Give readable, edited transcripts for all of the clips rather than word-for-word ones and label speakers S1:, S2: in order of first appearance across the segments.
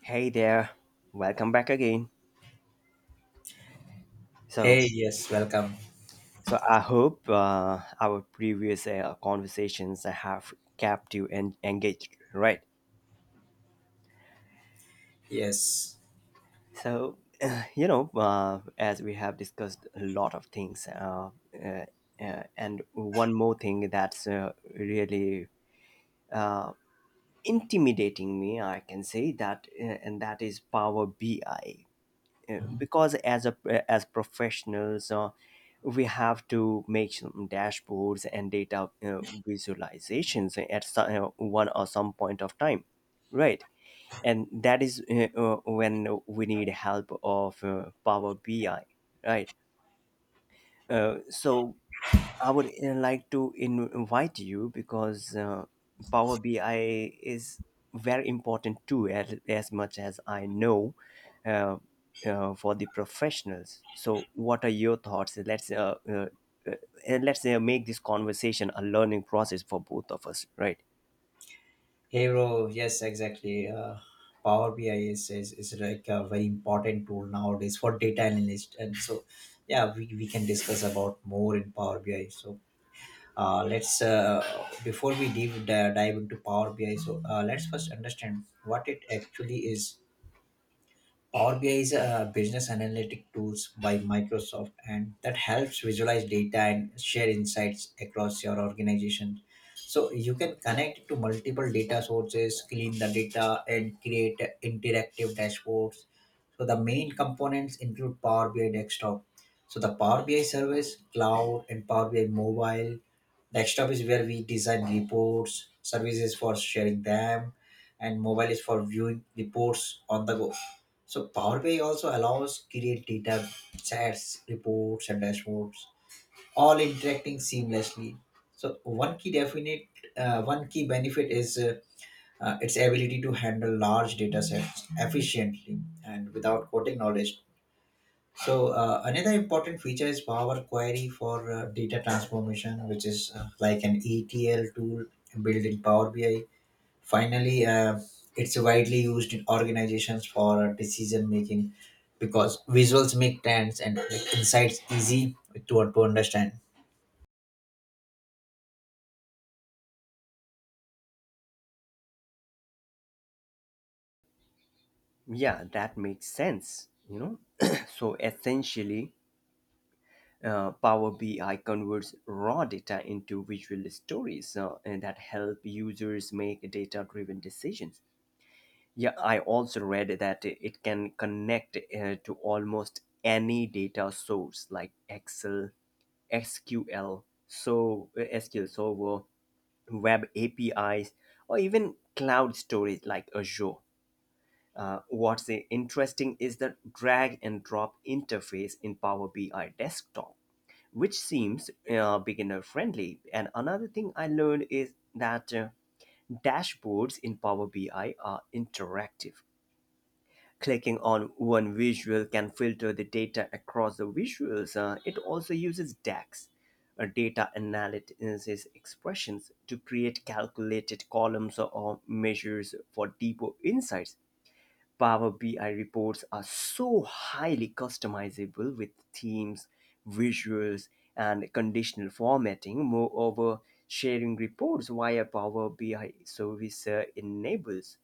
S1: Hey there, welcome back again. So,
S2: Hey, yes, welcome.
S1: so I hope our previous conversations have kept you engaged, right?
S2: Yes.
S1: So, as we have discussed a lot of things, and one more thing that's really uh, intimidating me, I can say that, and that is Power BI. Because as professionals, we have to make some dashboards and data visualizations at one or some point of time, right? And that is when we need help of Power BI, right? So, I would like to invite you because Power BI is very important too, as much as I know, uh, for the professionals. So, what are your thoughts? Let's make this conversation a learning process for both of us, right?
S2: Hey, bro. Yes, exactly. Power BI is like a very important tool nowadays for data analyst. And so, yeah, we can discuss about more in Power BI. So, uh, let's, uh, before we dive into Power BI, so let's first understand what it actually is. Power BI is a business analytic tools by Microsoft, and that helps visualize data and share insights across your organization. So you can connect to multiple data sources, clean the data, and create interactive dashboards. So the main components include Power BI Desktop. So the Power BI service, cloud, and Power BI mobile. Desktop is where we design reports, services for sharing them, and mobile is for viewing reports on the go. So Power BI also allows create data sets, reports, and dashboards, all interacting seamlessly. So one key benefit is its ability to handle large data sets efficiently and without coding knowledge. So another important feature is Power Query for data transformation, which is like an ETL tool built in Power BI. Finally, it's widely used in organizations for decision making because visuals make trends and like, insights easy to understand.
S1: Yeah, that makes sense. You know, so essentially, Power BI converts raw data into visual stories, and that help users make data-driven decisions. Yeah, I also read that it can connect to almost any data source like Excel, SQL Server, web APIs, or even cloud storage like Azure. What's interesting is the drag and drop interface in Power BI Desktop, which seems beginner friendly. And another thing I learned is that dashboards in Power BI are interactive. Clicking on one visual can filter the data across the visuals. It also uses DAX, data analysis expressions, to create calculated columns or measures for deeper insights. Power BI reports are so highly customizable with themes, visuals, and conditional formatting. Moreover, sharing reports via Power BI service enables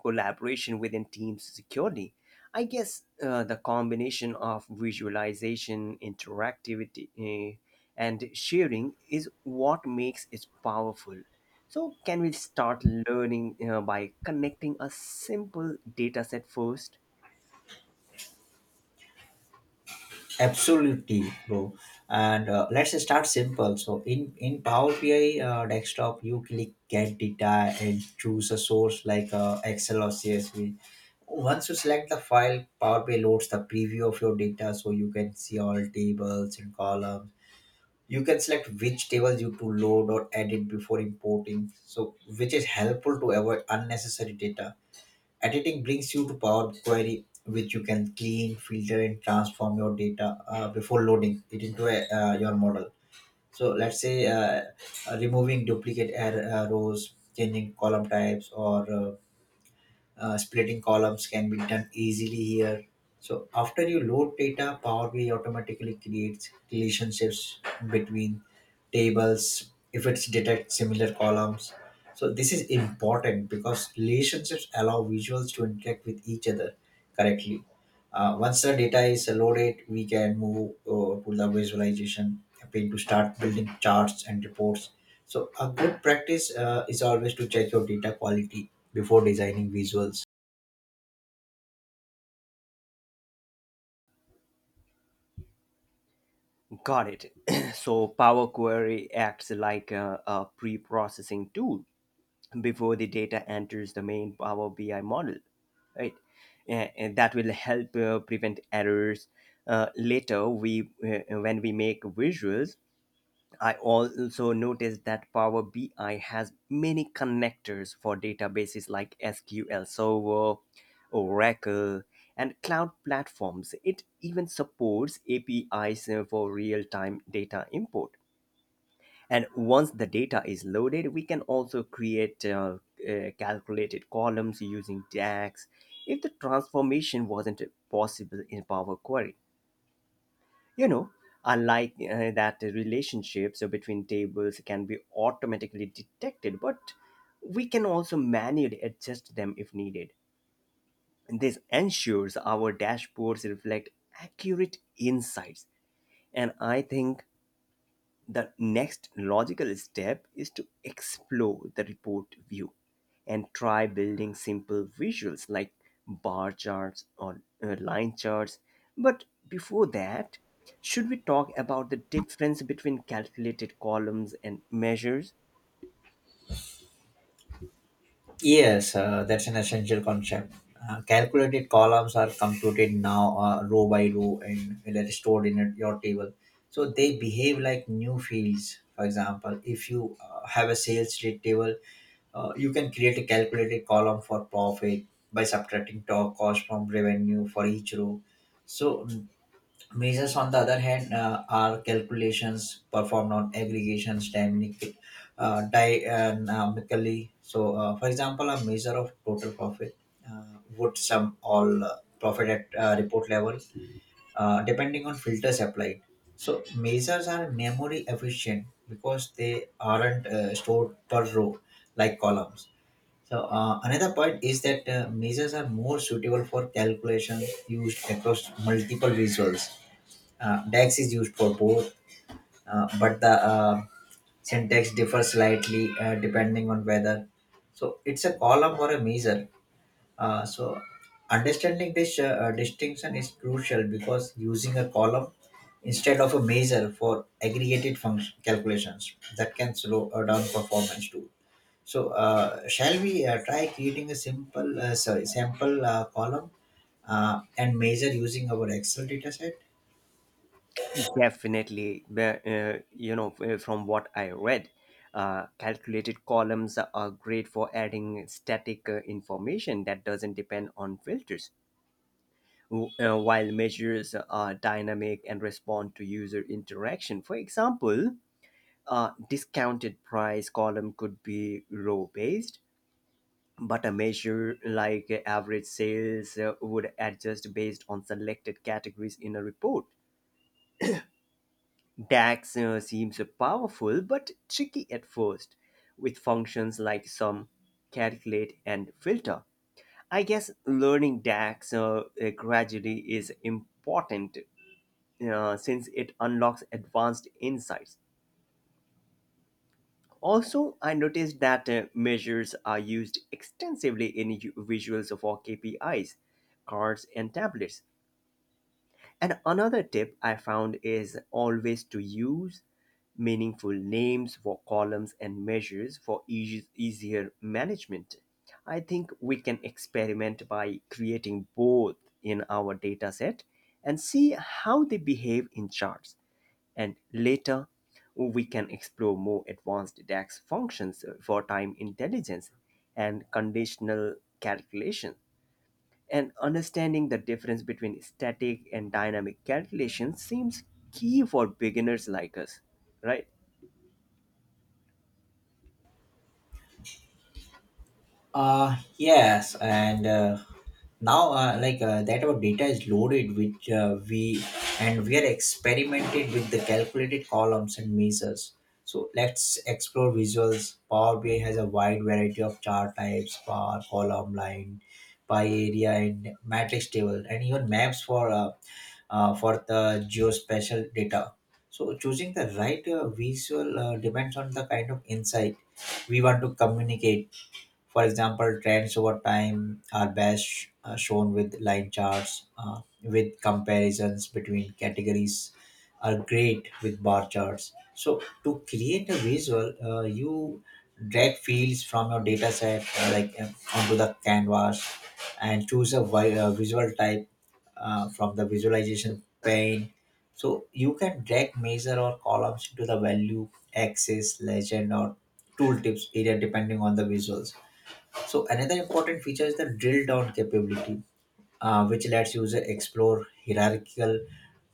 S1: collaboration within teams securely. I guess the combination of visualization, interactivity, and sharing is what makes it powerful. So, can we start learning by connecting a simple data set first?
S2: Absolutely, bro. And let's start simple. So in Power BI desktop, you click get data and choose a source like Excel or CSV. Once you select the file, Power BI loads the preview of your data, so you can see all tables and columns. You can select which tables you to load or edit before importing, so which is helpful to avoid unnecessary data editing. Brings you to Power Query, which you can clean filter and transform your data before loading it into your model. So let's say removing duplicate error rows, changing column types, or splitting columns can be done easily here. So after you load data, Power BI automatically creates relationships between tables if it's detect similar columns. So this is important because relationships allow visuals to interact with each other correctly. Once the data is loaded, we can move to the visualization pane to start building charts and reports. So a good practice is always to check your data quality before designing visuals.
S1: Got it. So, Power Query acts like a pre processing tool before the data enters the main Power BI model, right? And that will help prevent errors. Later, we when we make visuals, I also noticed that Power BI has many connectors for databases like SQL Server, Oracle, and cloud platforms. It even supports APIs for real-time data import. And once the data is loaded, we can also create calculated columns using DAX if the transformation wasn't possible in Power Query. You know, I like that the relationships between tables can be automatically detected, but we can also manually adjust them if needed. This ensures our dashboards reflect accurate insights, and I think the next logical step is to explore the report view and try building simple visuals like bar charts or line charts. But before that, should we talk about the difference between calculated columns and measures?
S2: Yes, that's an essential concept. Calculated columns are computed now row by row, and they're stored in your table. So they behave like new fields. For example, if you have a sales rate table, you can create a calculated column for profit by subtracting cost from revenue for each row. So measures, on the other hand, are calculations performed on aggregations dynamically. So, for example, a measure of total profit uh, would sum all profit at report level, depending on filters applied. So, measures are memory efficient because they aren't stored per row like columns. So another point is that measures are more suitable for calculations used across multiple visuals. DAX is used for both, but the syntax differs slightly depending on whether. So it's a column or a measure. So understanding this distinction is crucial because using a column instead of a measure for aggregated function calculations that can slow down performance too. So shall we try creating a simple sorry sample column and measure using our Excel dataset?
S1: Definitely, but, from what I read, calculated columns are great for adding static information that doesn't depend on filters. While measures are dynamic and respond to user interaction. For example, a discounted price column could be row based, but a measure like average sales would adjust based on selected categories in a report. DAX seems powerful but tricky at first, with functions like sum, calculate, and filter. I guess learning DAX gradually is important, since it unlocks advanced insights. Also, I noticed that measures are used extensively in visuals for KPIs, cards, and tablets. And another tip I found is always to use meaningful names for columns and measures for easier management. I think we can experiment by creating both in our dataset and see how they behave in charts. And later, we can explore more advanced DAX functions for time intelligence and conditional calculations, and understanding the difference between static and dynamic calculations seems key for beginners like us, right?
S2: Yes, and now like that our data is loaded, which we and we are experimented with the calculated columns and measures. So let's explore visuals. Power BI has a wide variety of chart types, bar, column, line, pie area, and matrix table, and even maps for the geospatial data. So choosing the right visual depends on the kind of insight we want to communicate. For example, trends over time are best shown with line charts, with comparisons between categories are great with bar charts. So to create a visual, you drag fields from your data set onto the canvas and choose a visual type from the visualization pane. So you can drag measure or columns into the value axis, legend, or tooltips area depending on the visuals. So another important feature is the drill down capability, which lets user explore hierarchical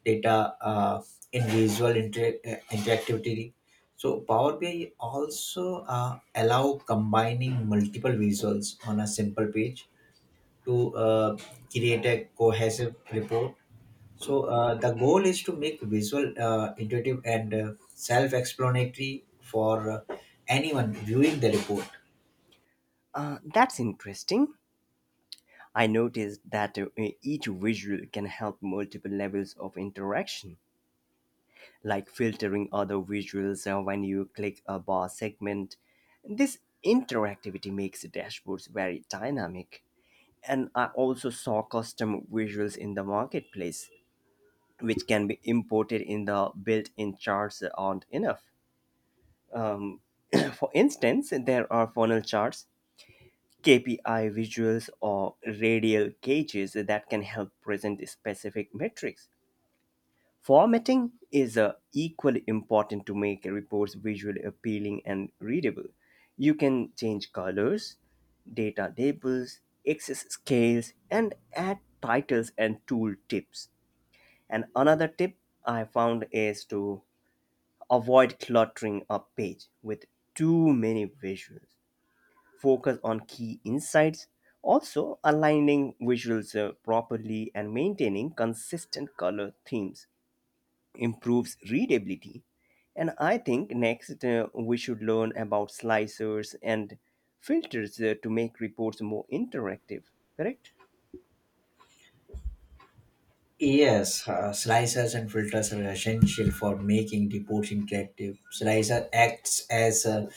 S2: data in visual interactivity. So Power BI also allow combining multiple visuals on a simple page to create a cohesive report. So the goal is to make visual intuitive and self-explanatory for anyone viewing the report.
S1: That's interesting. I noticed that each visual can help multiple levels of interaction, like filtering other visuals when you click a bar segment. This interactivity makes dashboards very dynamic. And I also saw custom visuals in the marketplace which can be imported in the built-in charts aren't enough. Um, for instance, there are funnel charts, KPI visuals, or radial gauges that can help present specific metrics. Formatting is equally important to make reports visually appealing and readable. You can change colors, data labels, axis scales, and add titles and tool tips. And another tip I found is to avoid cluttering a page with too many visuals. Focus on key insights. Also, aligning visuals properly and maintaining consistent color themes improves readability. And I think next we should learn about slicers and filters to make reports more interactive, correct?
S2: Yes, slicers and filters are essential for making reports interactive. Slicer acts as a,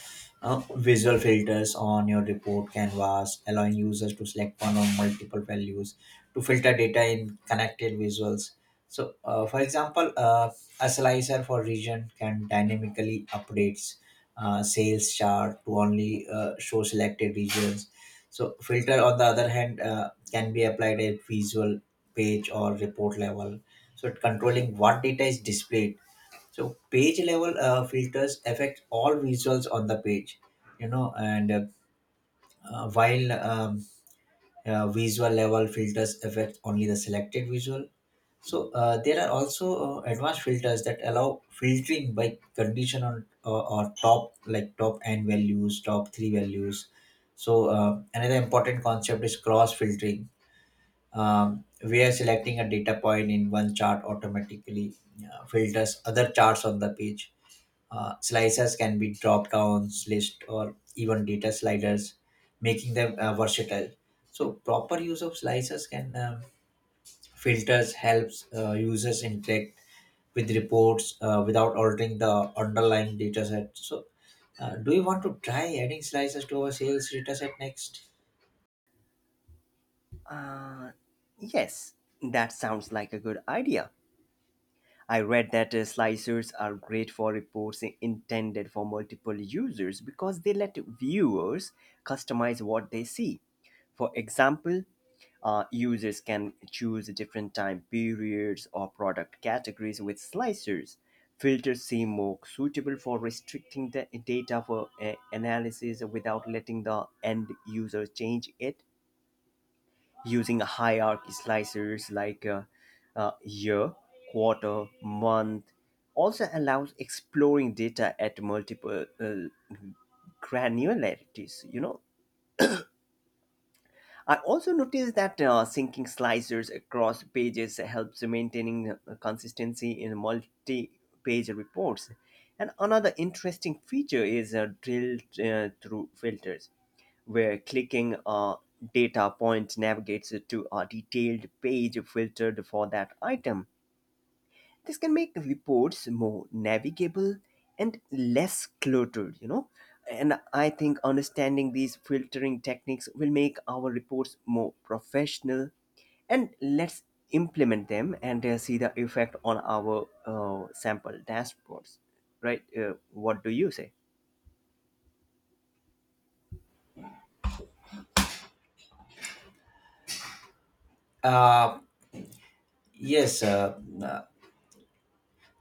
S2: uh, visual filters on your report canvas, allowing users to select one or multiple values to filter data in connected visuals. So, for example, a slicer for region can dynamically updates sales chart to only show selected regions. So filter on the other hand can be applied at visual, page, or report level, so controlling what data is displayed. So page level filters affect all visuals on the page, you know, and while visual level filters affect only the selected visual. So there are also advanced filters that allow filtering by condition on, or top like top N values, top three values. So another important concept is cross filtering, where selecting a data point in one chart automatically filters other charts on the page. Slicers can be drop downs, list, or even data sliders, making them versatile. So proper use of slicers can filters helps users interact with reports without altering the underlying data set. So, do you want to try adding slices to our sales data set next?
S1: Uh, yes, that sounds like a good idea. I read that slicers are great for reports intended for multiple users because they let viewers customize what they see. For example, users can choose different time periods or product categories with slicers. Filters seem more suitable for restricting the data for analysis without letting the end user change it using hierarchy slicers like year, quarter, month, also allows exploring data at multiple granularities. You know, I also noticed that syncing slicers across pages helps maintaining consistency in multi-page reports. And another interesting feature is drilled through filters where clicking a data point navigates it to a detailed page filtered for that item. This can make reports more navigable and less cluttered, you know. And I think understanding these filtering techniques will make our reports more professional, and let's implement them and see the effect on our sample dashboards, right? What do you say?
S2: Yes,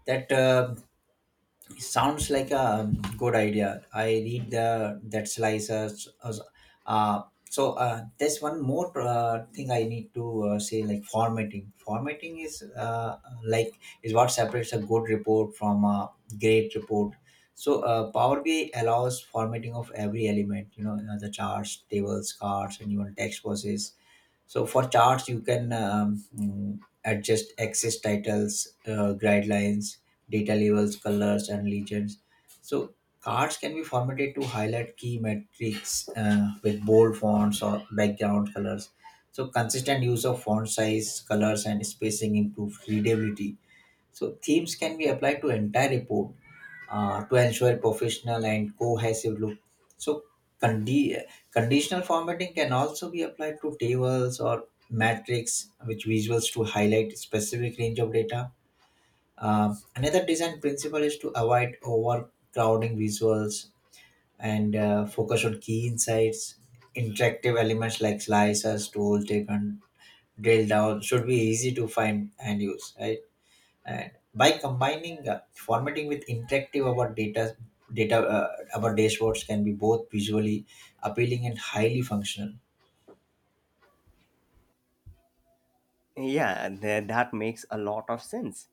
S2: that sounds like a good idea. I read the that slices. Uh, there's one more thing I need to say, like formatting. Formatting is is what separates a good report from a great report. So Power BI allows formatting of every element. The charts, tables, cards, and even text boxes. So for charts, you can adjust access titles, guidelines, data labels, colors, and legends. So cards can be formatted to highlight key metrics with bold fonts or background colors. So consistent use of font size, colors, and spacing improves readability. So themes can be applied to entire report to ensure professional and cohesive look. So condi- conditional formatting can also be applied to tables or matrix which visuals to highlight specific range of data. Another design principle is to avoid overcrowding visuals and focus on key insights. Interactive elements like slicers, tool, taken, drill down should be easy to find and use, right? And by combining formatting with interactive our data data, our dashboards can be both visually appealing and highly functional.
S1: Yeah, and that makes a lot of sense.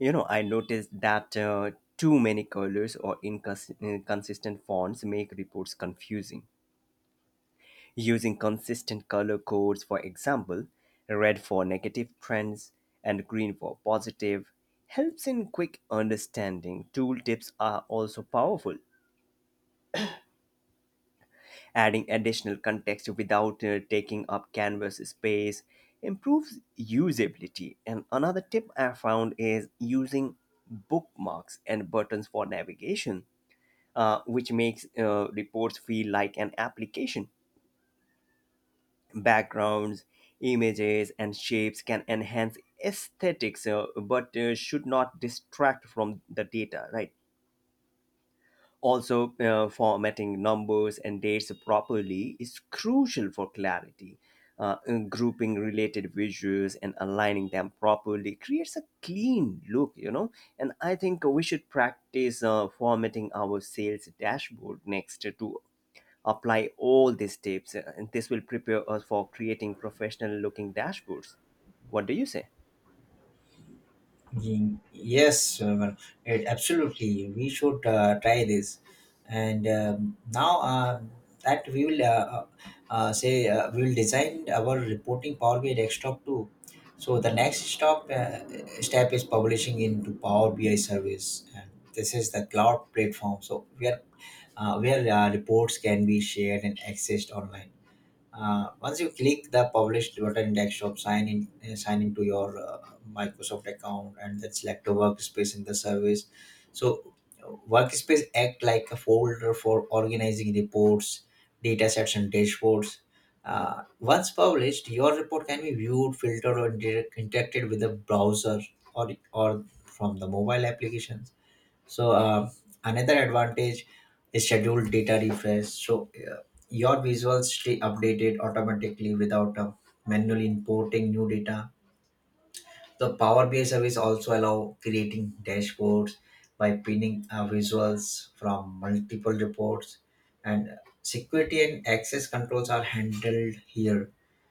S1: You know, I noticed that too many colors or inconsistent fonts make reports confusing. Using consistent color codes, for example, red for negative trends and green for positive, helps in quick understanding. Tooltips are also powerful. Adding additional context without taking up canvas space improves usability. And another tip I found is using bookmarks and buttons for navigation, which makes reports feel like an application. Backgrounds, images, and shapes can enhance aesthetics, but should not distract from the data, right? Also, formatting numbers and dates properly is crucial for clarity. And grouping related visuals and aligning them properly creates a clean look, you know. And I think we should practice formatting our sales dashboard next to apply all these tips. And this will prepare us for creating professional looking dashboards. What do you say?
S2: Yes, absolutely. We should try this. And now that we will say we will design our reporting Power BI desktop too. So the next stop step is publishing into Power BI service. And this is the cloud platform. So where reports can be shared and accessed online. Once you click the published button in desktop, sign into your Microsoft account and then select a workspace in the service. So workspace act like a folder for organizing reports, data sets, and dashboards. Once published, your report can be viewed, filtered, or inter- interacted with the browser, or from the mobile application. So another advantage is scheduled data refresh. So your visuals stay updated automatically without manually importing new data. The Power BI service also allow creating dashboards by pinning visuals from multiple reports, and security and access controls are handled here.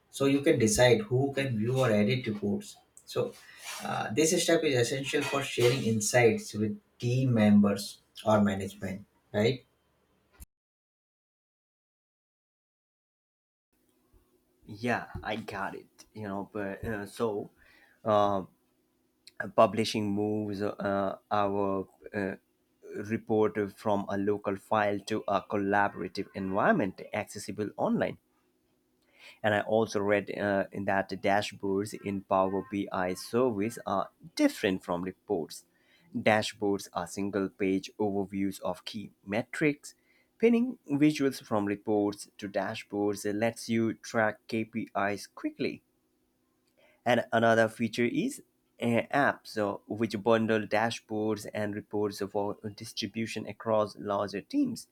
S2: So you can decide who can view or edit reports. So this step is essential for sharing insights with team members or management, right?
S1: Yeah, I got it. You know, but so. Um, Publishing moves our uh, report from a local file to a collaborative environment accessible online. And I also read that dashboards in Power BI service are different from reports. Dashboards are single page overviews of key metrics. Pinning visuals from reports to dashboards lets you track KPIs quickly. And another feature is apps, so which bundle dashboards and reports for distribution across larger teams.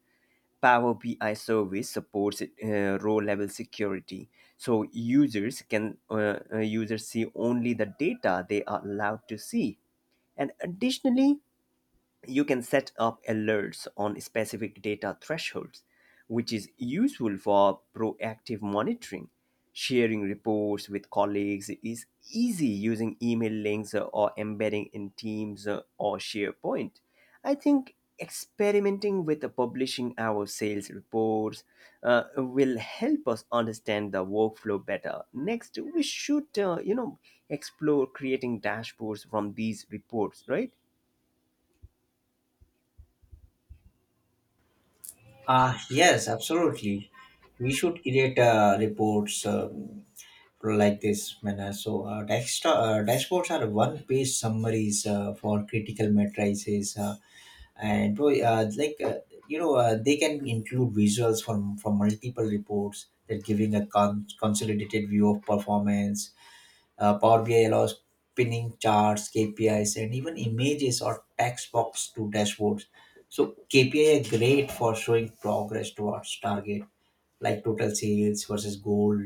S1: Power BI service supports row-level security, so users see only the data they are allowed to see. And additionally, you can set up alerts on specific data thresholds, which is useful for proactive monitoring. Sharing reports with colleagues is easy using email links or embedding in Teams or SharePoint. I think experimenting with publishing our sales reports will help us understand the workflow better. Next, we should, explore creating dashboards from these reports, right?
S2: Yes, absolutely. We should create reports like this manner. So, dashboards are one page summaries for critical matrices. And boy, like you know They can include visuals from multiple reports that giving a consolidated view of performance. Power BI allows pinning charts, KPIs, and even images or text box to dashboards. So KPI are great for showing progress towards target, like total sales versus goal.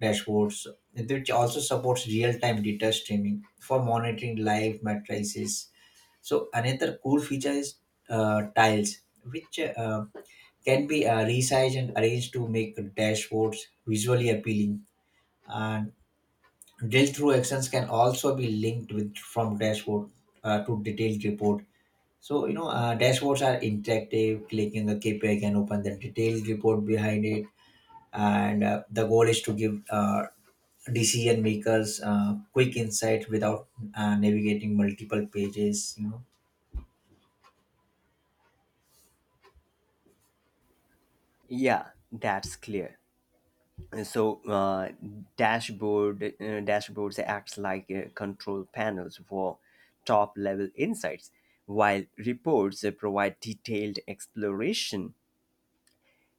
S2: Dashboards, which also supports real-time data streaming for monitoring live matrices. So another cool feature is tiles, which can be resized and arranged to make dashboards visually appealing. And drill through actions can also be linked with from dashboard to detailed report. So you know dashboards are interactive. Clicking a KPI can open the detailed report behind it. And the goal is to give decision makers quick insight without navigating multiple pages, you know.
S1: Yeah, that's clear. So dashboard uh, dashboards acts like control panels for top level insights, while reports provide detailed exploration.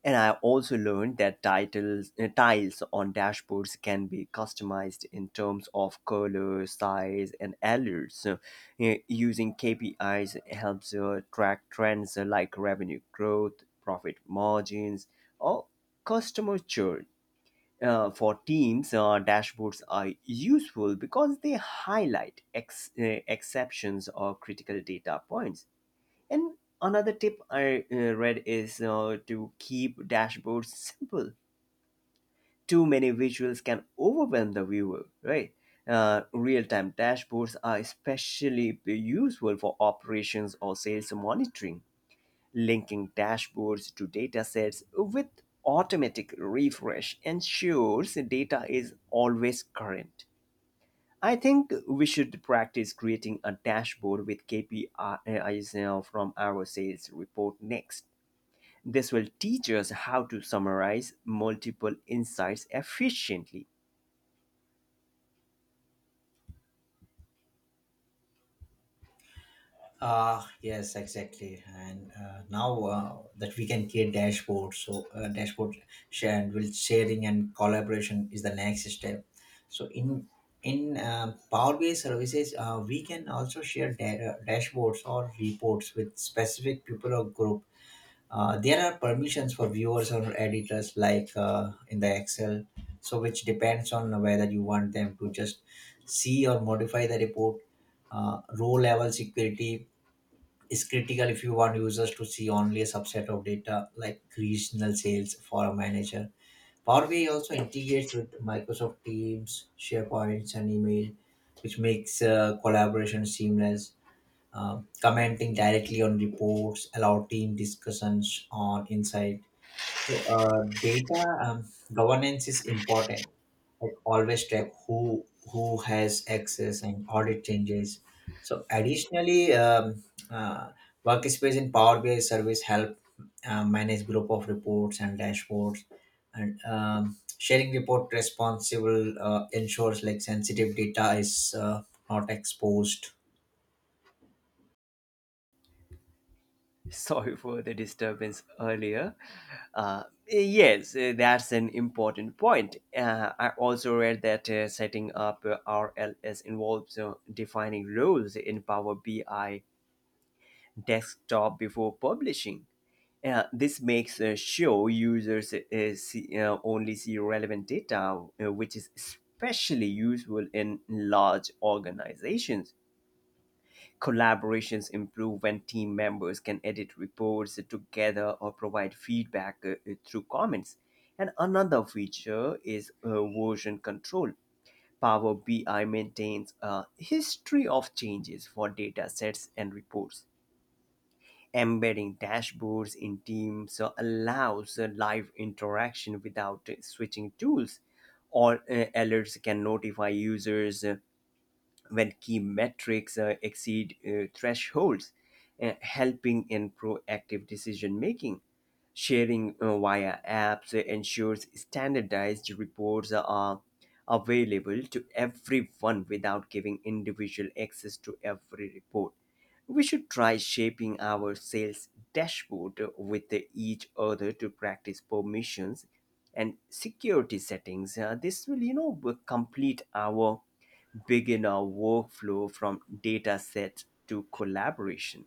S1: And I also learned that tiles on dashboards can be customized in terms of color, size, and alerts. So, using KPIs helps track trends like revenue growth, profit margins, or customer churn. For teams, dashboards are useful because they highlight exceptions or critical data points. And another tip I read is to keep dashboards simple. Too many visuals can overwhelm the viewer, right? Real time dashboards are especially useful for operations or sales monitoring. Linking dashboards to datasets with automatic refresh ensures data is always current. I think we should practice creating a dashboard with KPIs now from our sales report next. This will teach us how to summarize multiple insights efficiently.
S2: Ah, yes, exactly. And now that we can create dashboards, so dashboard share and will sharing and collaboration is the next step. So in Power BI services, we can also share dashboards or reports with specific people or group. There are permissions for viewers or editors, like in the Excel, so which depends on whether you want them to just see or modify the report. Row level security is critical if you want users to see only a subset of data like regional sales for a manager. Power BI also integrates with Microsoft Teams, SharePoint, and email, which makes collaboration seamless. Commenting directly on reports, allow team discussions on insight. So, data governance is important. Like always track who has access and audit changes. So, additionally, uh, workspace in Power BI service help manage group of reports and dashboards, and sharing report responsible ensures like sensitive data is not exposed.
S1: Sorry for the disturbance earlier. Yes, that's an important point. I also read that setting up RLS involves defining roles in Power BI desktop before publishing. This makes sure users only see relevant data, which is especially useful in large organizations. Collaborations improve when team members can edit reports together or provide feedback through comments. And another feature is version control. Power BI maintains a history of changes for data sets and reports. Embedding dashboards in Teams allows live interaction without switching tools. All Alerts can notify users when key metrics exceed thresholds, helping in proactive decision making. Sharing via apps ensures standardized reports are available to everyone without giving individual access to every report. We should try shaping our sales dashboard with each other to practice permissions and security settings. This will complete our beginner workflow from data set to collaboration.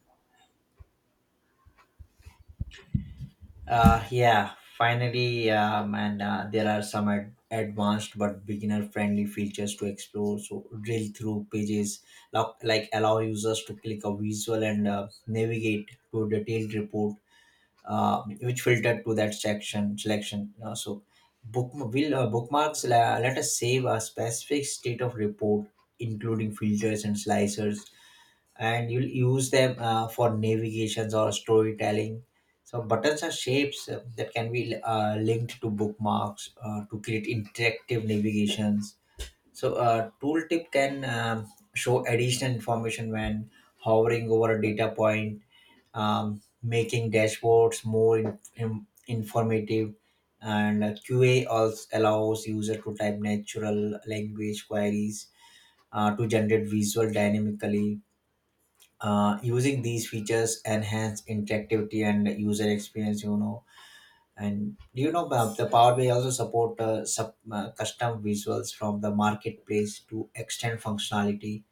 S2: Yeah, finally, and there are some advanced but beginner-friendly features to explore. So, drill through pages, like allow users to click a visual and navigate to a detailed report, which filtered to that section selection. Bookmarks let us save a specific state of report, including filters and slicers, and you'll use them for navigations or storytelling. So buttons are shapes that can be linked to bookmarks to create interactive navigations. So a tooltip can show additional information when hovering over a data point, making dashboards more informative. And QA also allows user to type natural language queries to generate visual dynamically. Using these features enhance interactivity and user experience, you know. And do you know about the Power BI also support custom visuals from the marketplace to extend functionality.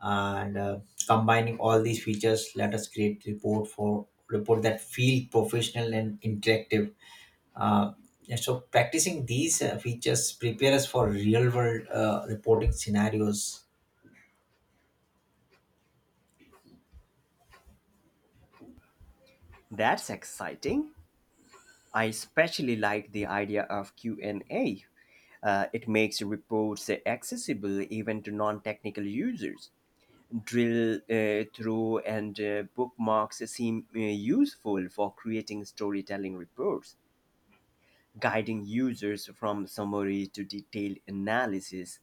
S2: And combining all these features let us create report for report that feel professional and interactive. Uh, and so practicing these features prepare us for real world reporting scenarios.
S1: That's exciting. I especially like the idea of Q&A. It makes reports accessible even to non-technical users. Drill through, and bookmarks seem useful for creating storytelling reports, guiding users from summary to detailed analysis.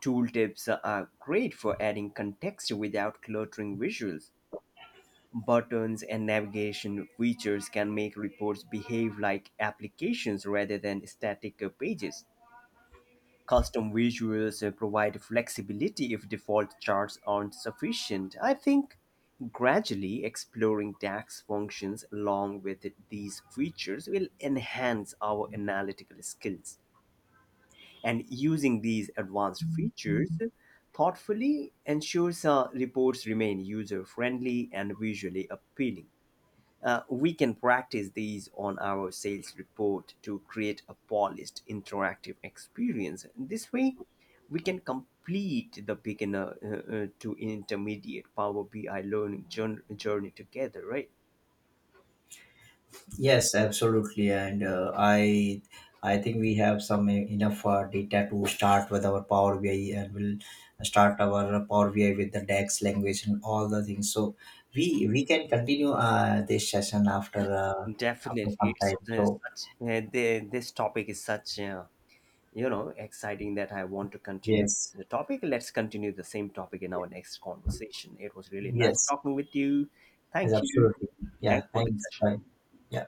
S1: Tooltips are great for adding context without cluttering visuals. Buttons and navigation features can make reports behave like applications rather than static pages. Custom visuals provide flexibility if default charts aren't sufficient. I think gradually exploring DAX functions along with these features will enhance our analytical skills. And using these advanced features thoughtfully ensures our reports remain user friendly and visually appealing. We can practice these on our sales report to create a polished interactive experience. This way, we can complete the beginner to intermediate Power BI learning journey together, right?
S2: Yes, absolutely, and I think we have some enough data to start with our Power BI, and we'll start our Power BI with the DAX language and all the things. So we can continue this session after
S1: Definitely,
S2: some time. So
S1: this topic is such, you know, exciting that I want to continue
S2: yes,
S1: the topic. Let's continue the same topic in our next conversation. It was really nice
S2: yes,
S1: talking with you.
S2: yes,
S1: Thank you.
S2: absolutely. Yeah,
S1: Thanks for the
S2: thanks.
S1: session.
S2: Bye. Yeah.